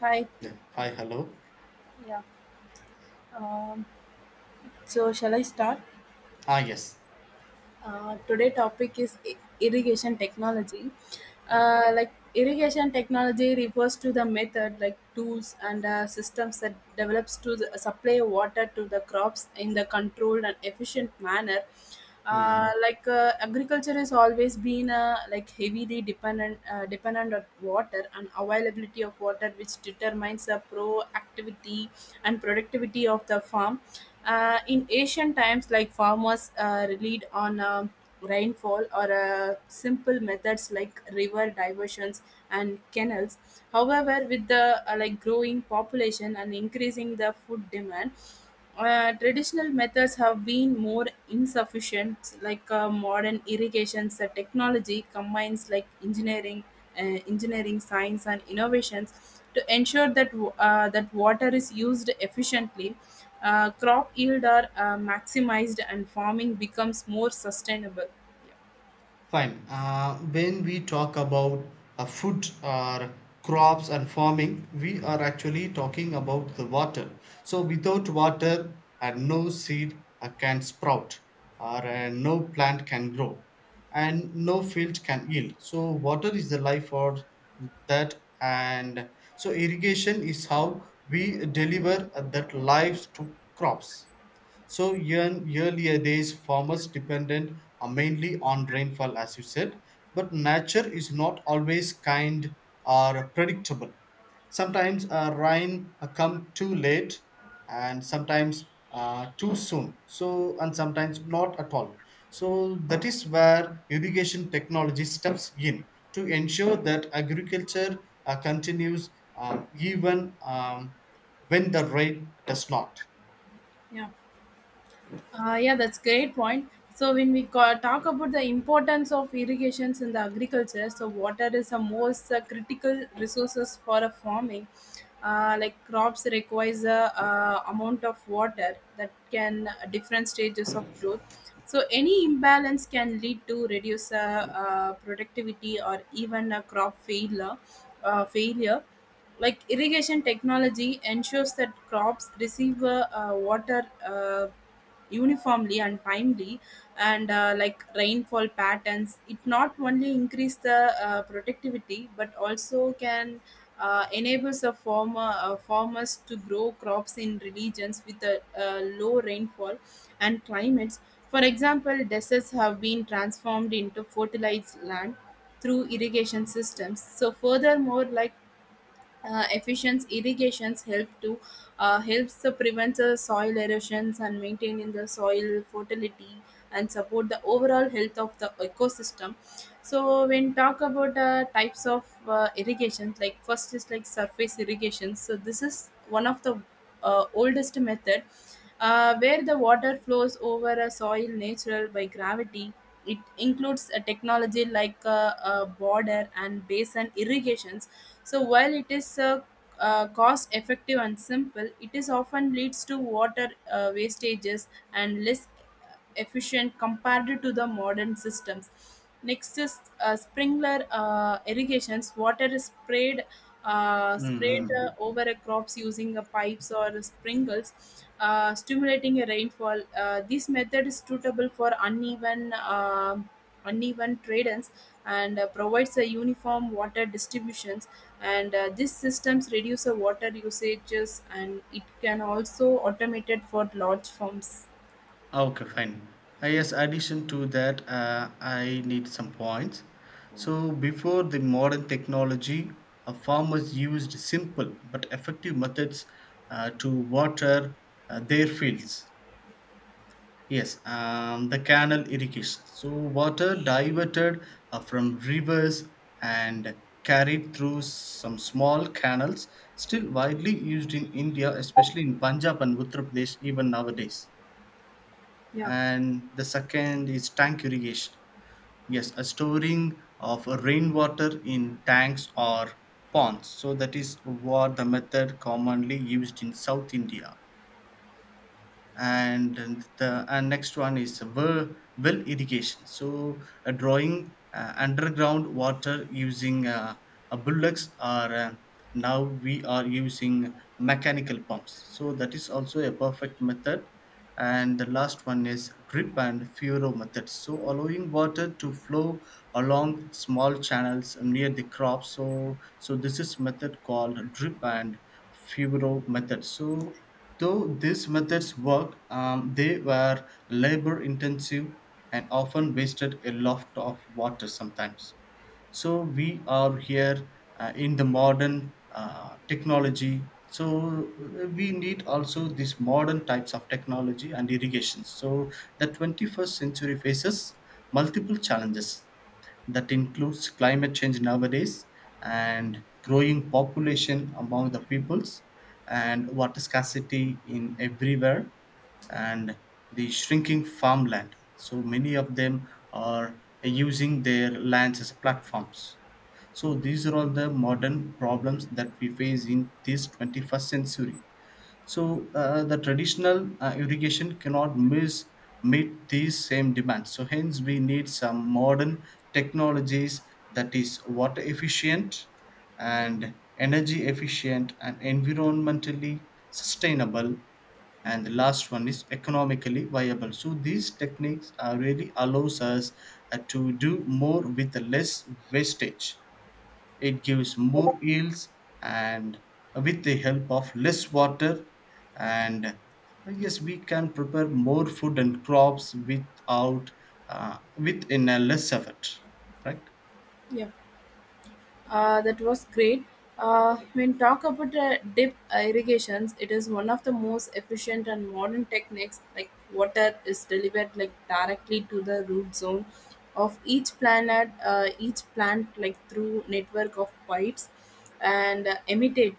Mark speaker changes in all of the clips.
Speaker 1: Hi,
Speaker 2: Yeah. Hi, hello.
Speaker 1: yeah. Um, so shall I start?
Speaker 2: Ah, yes.
Speaker 1: Today topic is irrigation technology. Like irrigation technology refers to the method, like tools and systems that develops to the, supply water to the crops in the controlled and efficient manner.
Speaker 2: Mm.
Speaker 1: Agriculture has always been like heavily dependent on water and availability of water, which determines the pro activity and productivity of the farm. In ancient times, like farmers relied on rainfall or simple methods like river diversions and canals. However, with the like growing population and increasing the food demand, traditional methods have been more insufficient. Modern irrigation technology combines like engineering engineering, science, and innovations to ensure that that water is used efficiently, crop yield are maximized, and farming becomes more sustainable. Yeah.
Speaker 2: Fine. When we talk about food or crops and farming, we are actually talking about the water. So, without water, no seed can sprout, or no plant can grow, and no field can yield. So, water is the life for that, and so irrigation is how we deliver that life to crops. So in earlier days, farmers depended mainly on rainfall, as you said, but nature is not always kind or predictable. Sometimes rain come too late, and sometimes too soon. So and sometimes not at all. So that is where irrigation technology steps in to ensure that agriculture continues even when the rain does not.
Speaker 1: Yeah. Yeah, that's great point. So when we talk about the importance of irrigations in the agriculture, so water is the most critical resources for a farming. Like crops requires a amount of water that can different stages of growth. So any imbalance can lead to reduce productivity or even a crop failure. Failure like irrigation technology ensures that crops receive water uniformly and timely and like rainfall patterns, it not only increase the productivity but also can enables the farmers to grow crops in regions with a, low rainfall and climates. For example, deserts have been transformed into fertilized land through irrigation systems. So furthermore, like efficient irrigations help to helps to prevent the soil erosions and maintaining the soil fertility and support the overall health of the ecosystem. So when talk about types of irrigations, like first is like surface irrigation. So this is one of the oldest method, where the water flows over a soil natural by gravity. It includes a technology like border and basin irrigations. So while it is cost effective and simple, it is often leads to water wastages and less efficient compared to the modern systems. Next is sprinkler irrigations. Water is
Speaker 2: Mm,
Speaker 1: sprayed
Speaker 2: mm.
Speaker 1: over a crops using pipes or sprinkles, stimulating a rainfall. This method is suitable for uneven terrains and provides a uniform water distributions. And these systems reduce the water usages and it can also automated for large farms.
Speaker 2: Okay, fine. Yes, addition to that, I need some points. So, before the modern technology, farmers used simple but effective methods to water their fields. Yes, the canal irrigation. So, water diverted from rivers and carried through some small canals, still widely used in India, especially in Punjab and Uttar Pradesh, even nowadays.
Speaker 1: Yeah,
Speaker 2: And the second is tank irrigation, yes, a storing of rainwater in tanks or ponds, so that is what the method commonly used in South India. And the and next one is well irrigation, so a drawing underground water using a bullocks, or now we are using mechanical pumps, so that is also a perfect method. And the last one is drip and furrow method, so allowing water to flow along small channels near the crop. So this is method called drip and feudal methods. So, though these methods work, they were labor intensive and often wasted a lot of water sometimes. So, we are here in the modern technology. So, we need also these modern types of technology and irrigation. So, the 21st century faces multiple challenges that includes climate change nowadays, and growing population among the peoples, and water scarcity in everywhere, and the shrinking farmland, so many of them are using their lands as platforms. So these are all the modern problems that we face in this 21st century. So the traditional irrigation cannot miss meet these same demands. So hence we need some modern technologies that is water efficient and energy efficient and environmentally sustainable, and the last one is economically viable. So these techniques really allows us to do more with less wastage. It gives more yields and, with the help of less water, and yes, we can prepare more food and crops without within a less effort. Correct.
Speaker 1: yeah. That was great. When talk about dip irrigations, it is one of the most efficient and modern techniques. Like water is delivered like directly to the root zone of each planet, each plant like through network of pipes and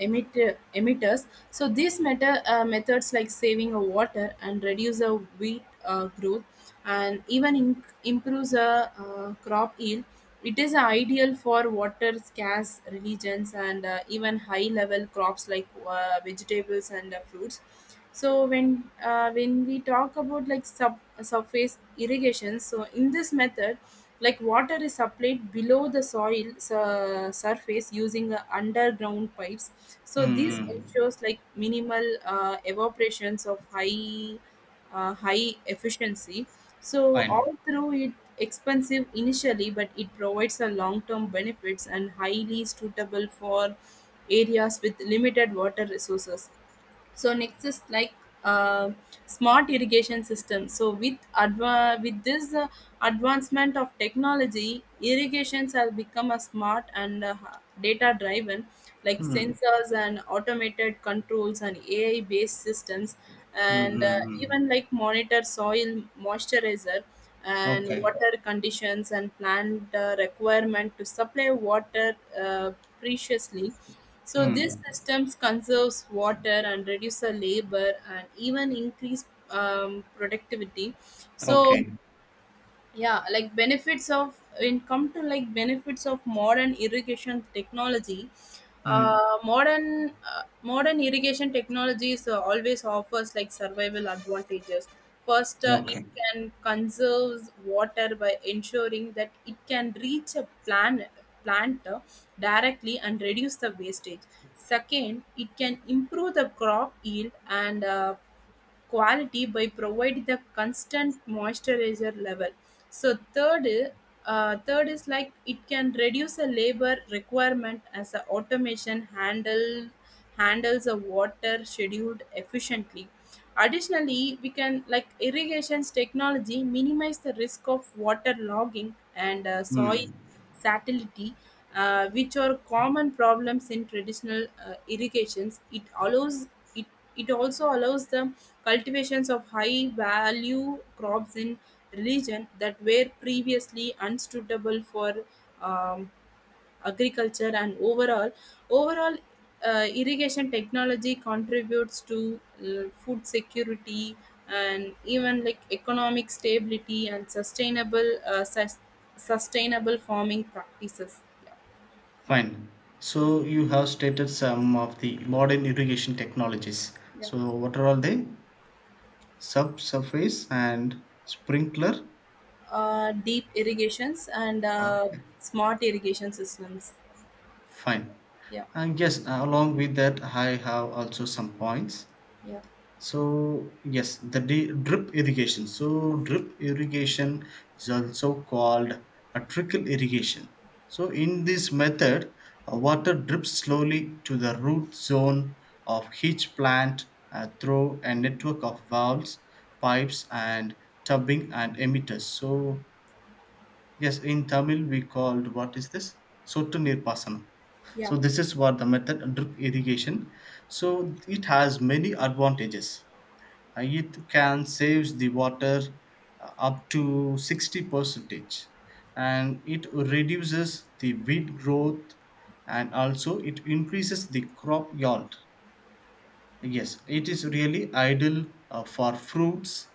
Speaker 1: emit, emitters. So these methods like saving of water and reduce the wheat growth and even in, improves the crop yield. It is ideal for water scarce regions and even high level crops like vegetables and fruits. So when we talk about like sub surface irrigation. So in this method, like water is supplied below the soil surface using underground pipes. So this
Speaker 2: Mm-hmm.
Speaker 1: ensures like minimal evaporations of high high efficiency. So
Speaker 2: Fine.
Speaker 1: although it expensive initially but it provides a long term benefits and highly suitable for areas with limited water resources. So next is like uh, smart irrigation systems. So with with this advancement of technology, irrigations have become a smart and data driven, like
Speaker 2: Mm-hmm.
Speaker 1: sensors and automated controls and AI based systems,
Speaker 2: Hmm,
Speaker 1: and
Speaker 2: hmm, hmm.
Speaker 1: even like monitor soil moisturizer and
Speaker 2: Okay.
Speaker 1: water conditions and plant requirement to supply water preciously. So these
Speaker 2: Mm.
Speaker 1: systems conserves water and reduce the labor and even increase productivity. Yeah. So
Speaker 2: Okay.
Speaker 1: yeah, like benefits of in come to like benefits of modern irrigation technology.
Speaker 2: Mm.
Speaker 1: Modern irrigation technologies always offers like survival advantages. First, it
Speaker 2: Okay.
Speaker 1: can conserve water by ensuring that it can reach a plant directly and reduce the wastage. Second, it can improve the crop yield and quality by providing the constant moisturizer level. So third is like it can reduce a labor requirement as a automation handles a water scheduled efficiently. Additionally, we can like irrigations technology minimize the risk of water logging and soil
Speaker 2: Mm.
Speaker 1: fertility, which are common problems in traditional irrigations. It allows it, it also allows the cultivations of high value crops in regions that were previously unsuitable for um, agriculture. And overall, irrigation technology contributes to food security and even like economic stability and sustainable farming practices. Yeah.
Speaker 2: Fine. So you have stated some of the modern irrigation technologies,
Speaker 1: Yeah.
Speaker 2: so what are all they? Subsurface and sprinkler.
Speaker 1: Deep irrigations and
Speaker 2: Okay,
Speaker 1: smart irrigation systems.
Speaker 2: fine.
Speaker 1: Yeah,
Speaker 2: And yes, along with that, I have also some points.
Speaker 1: yeah.
Speaker 2: So yes, drip irrigation. So drip irrigation is also called a trickle irrigation. So in this method, water drips slowly to the root zone of each plant through a network of valves, pipes, and tubbing and emitters. So yes, in Tamil we called, what is this? Sottu Nirpasanam.
Speaker 1: Yeah,
Speaker 2: So this is what the method drip irrigation. So it has many advantages. It can save the water up to 60 percentage, and it reduces the weed growth, and also it increases the crop yield. Yes, it is really ideal for fruits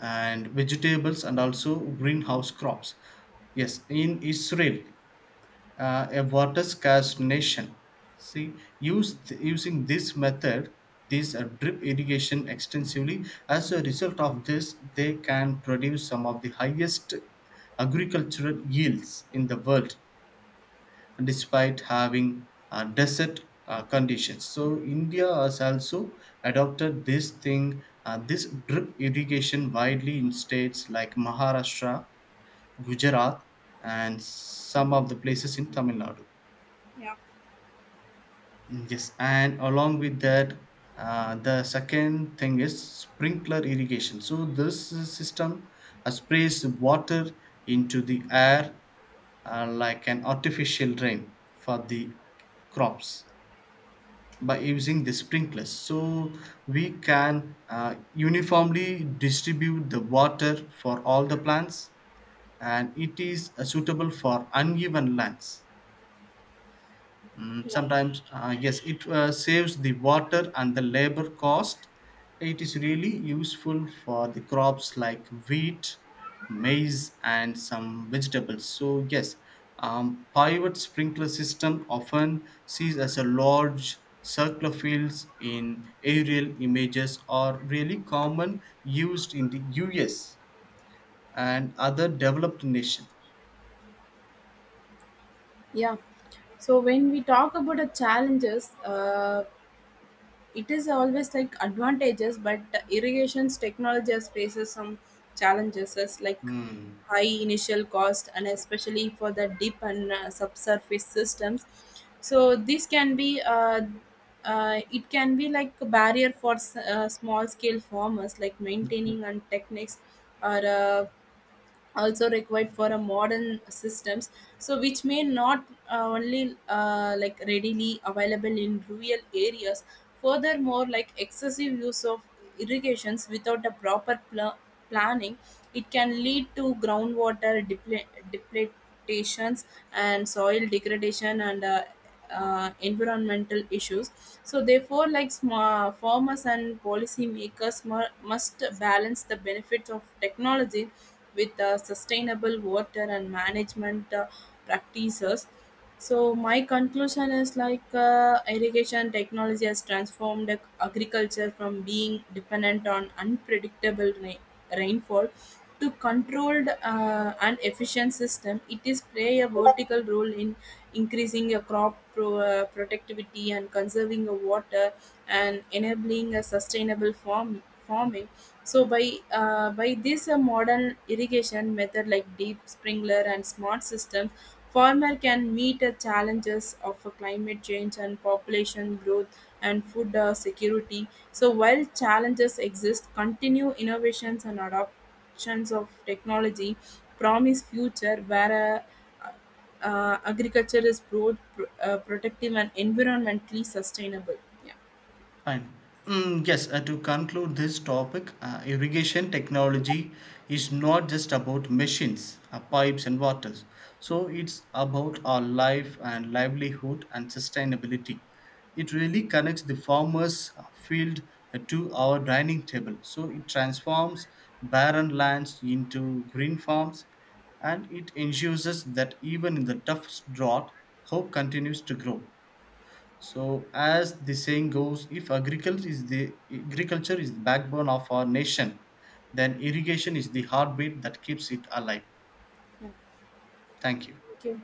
Speaker 2: and vegetables and also greenhouse crops. Yes, in Israel, a water scarce nation. See, use using this method, this drip irrigation extensively. As a result of this, they can produce some of the highest agricultural yields in the world despite having desert conditions. So India has also adopted this thing, this drip irrigation widely in states like Maharashtra, Gujarat, and some of the places in Tamil Nadu.
Speaker 1: yeah,
Speaker 2: Mm, yes, and along with that, the second thing is sprinkler irrigation. So this system sprays water into the air like an artificial rain for the crops, by using the sprinklers. So we can uniformly distribute the water for all the plants, and it is suitable for uneven lands. Mm, sometimes, yes, it saves the water and the labor cost. It is really useful for the crops like wheat, maize, and some vegetables. So, yes, pivot sprinkler system often sees as a large circular fields in aerial images are really common used in the US and other developed nations.
Speaker 1: yeah. So when we talk about the challenges, it is always like advantages, but irrigation's technology faces some challenges as like high initial cost and especially for the deep and subsurface systems. So this can be it can be like a barrier for small scale farmers, like maintaining and techniques or also required for a modern systems, so which may not only like readily available in rural areas. Furthermore, like excessive use of irrigations without a proper planning, it can lead to groundwater depletations and soil degradation and environmental issues. So therefore, like farmers and policy makers must balance the benefits of technology with sustainable water and management practices. So my conclusion is like irrigation technology has transformed agriculture from being dependent on unpredictable rainfall to controlled and efficient system. It is play a vertical role in increasing a crop productivity and conserving a water and enabling a sustainable farming. So by this modern irrigation method like deep sprinkler and smart systems, farmer can meet the challenges of climate change and population growth and food security. So while challenges exist, continue innovations and adapt adoptions of technology promise future where uh, agriculture is both protective and environmentally sustainable. Yeah.
Speaker 2: Fine. Mm, yes, to conclude this topic, irrigation technology is not just about machines, pipes, and waters. So it's about our life and livelihood and sustainability. It really connects the farmer's field to our dining table. So it transforms barren lands into green farms, and it ensures us that even in the toughest drought, hope continues to grow. So, as the saying goes, if agriculture is the agriculture is the backbone of our nation, then irrigation is the heartbeat that keeps it alive. Thank you.
Speaker 1: Okay.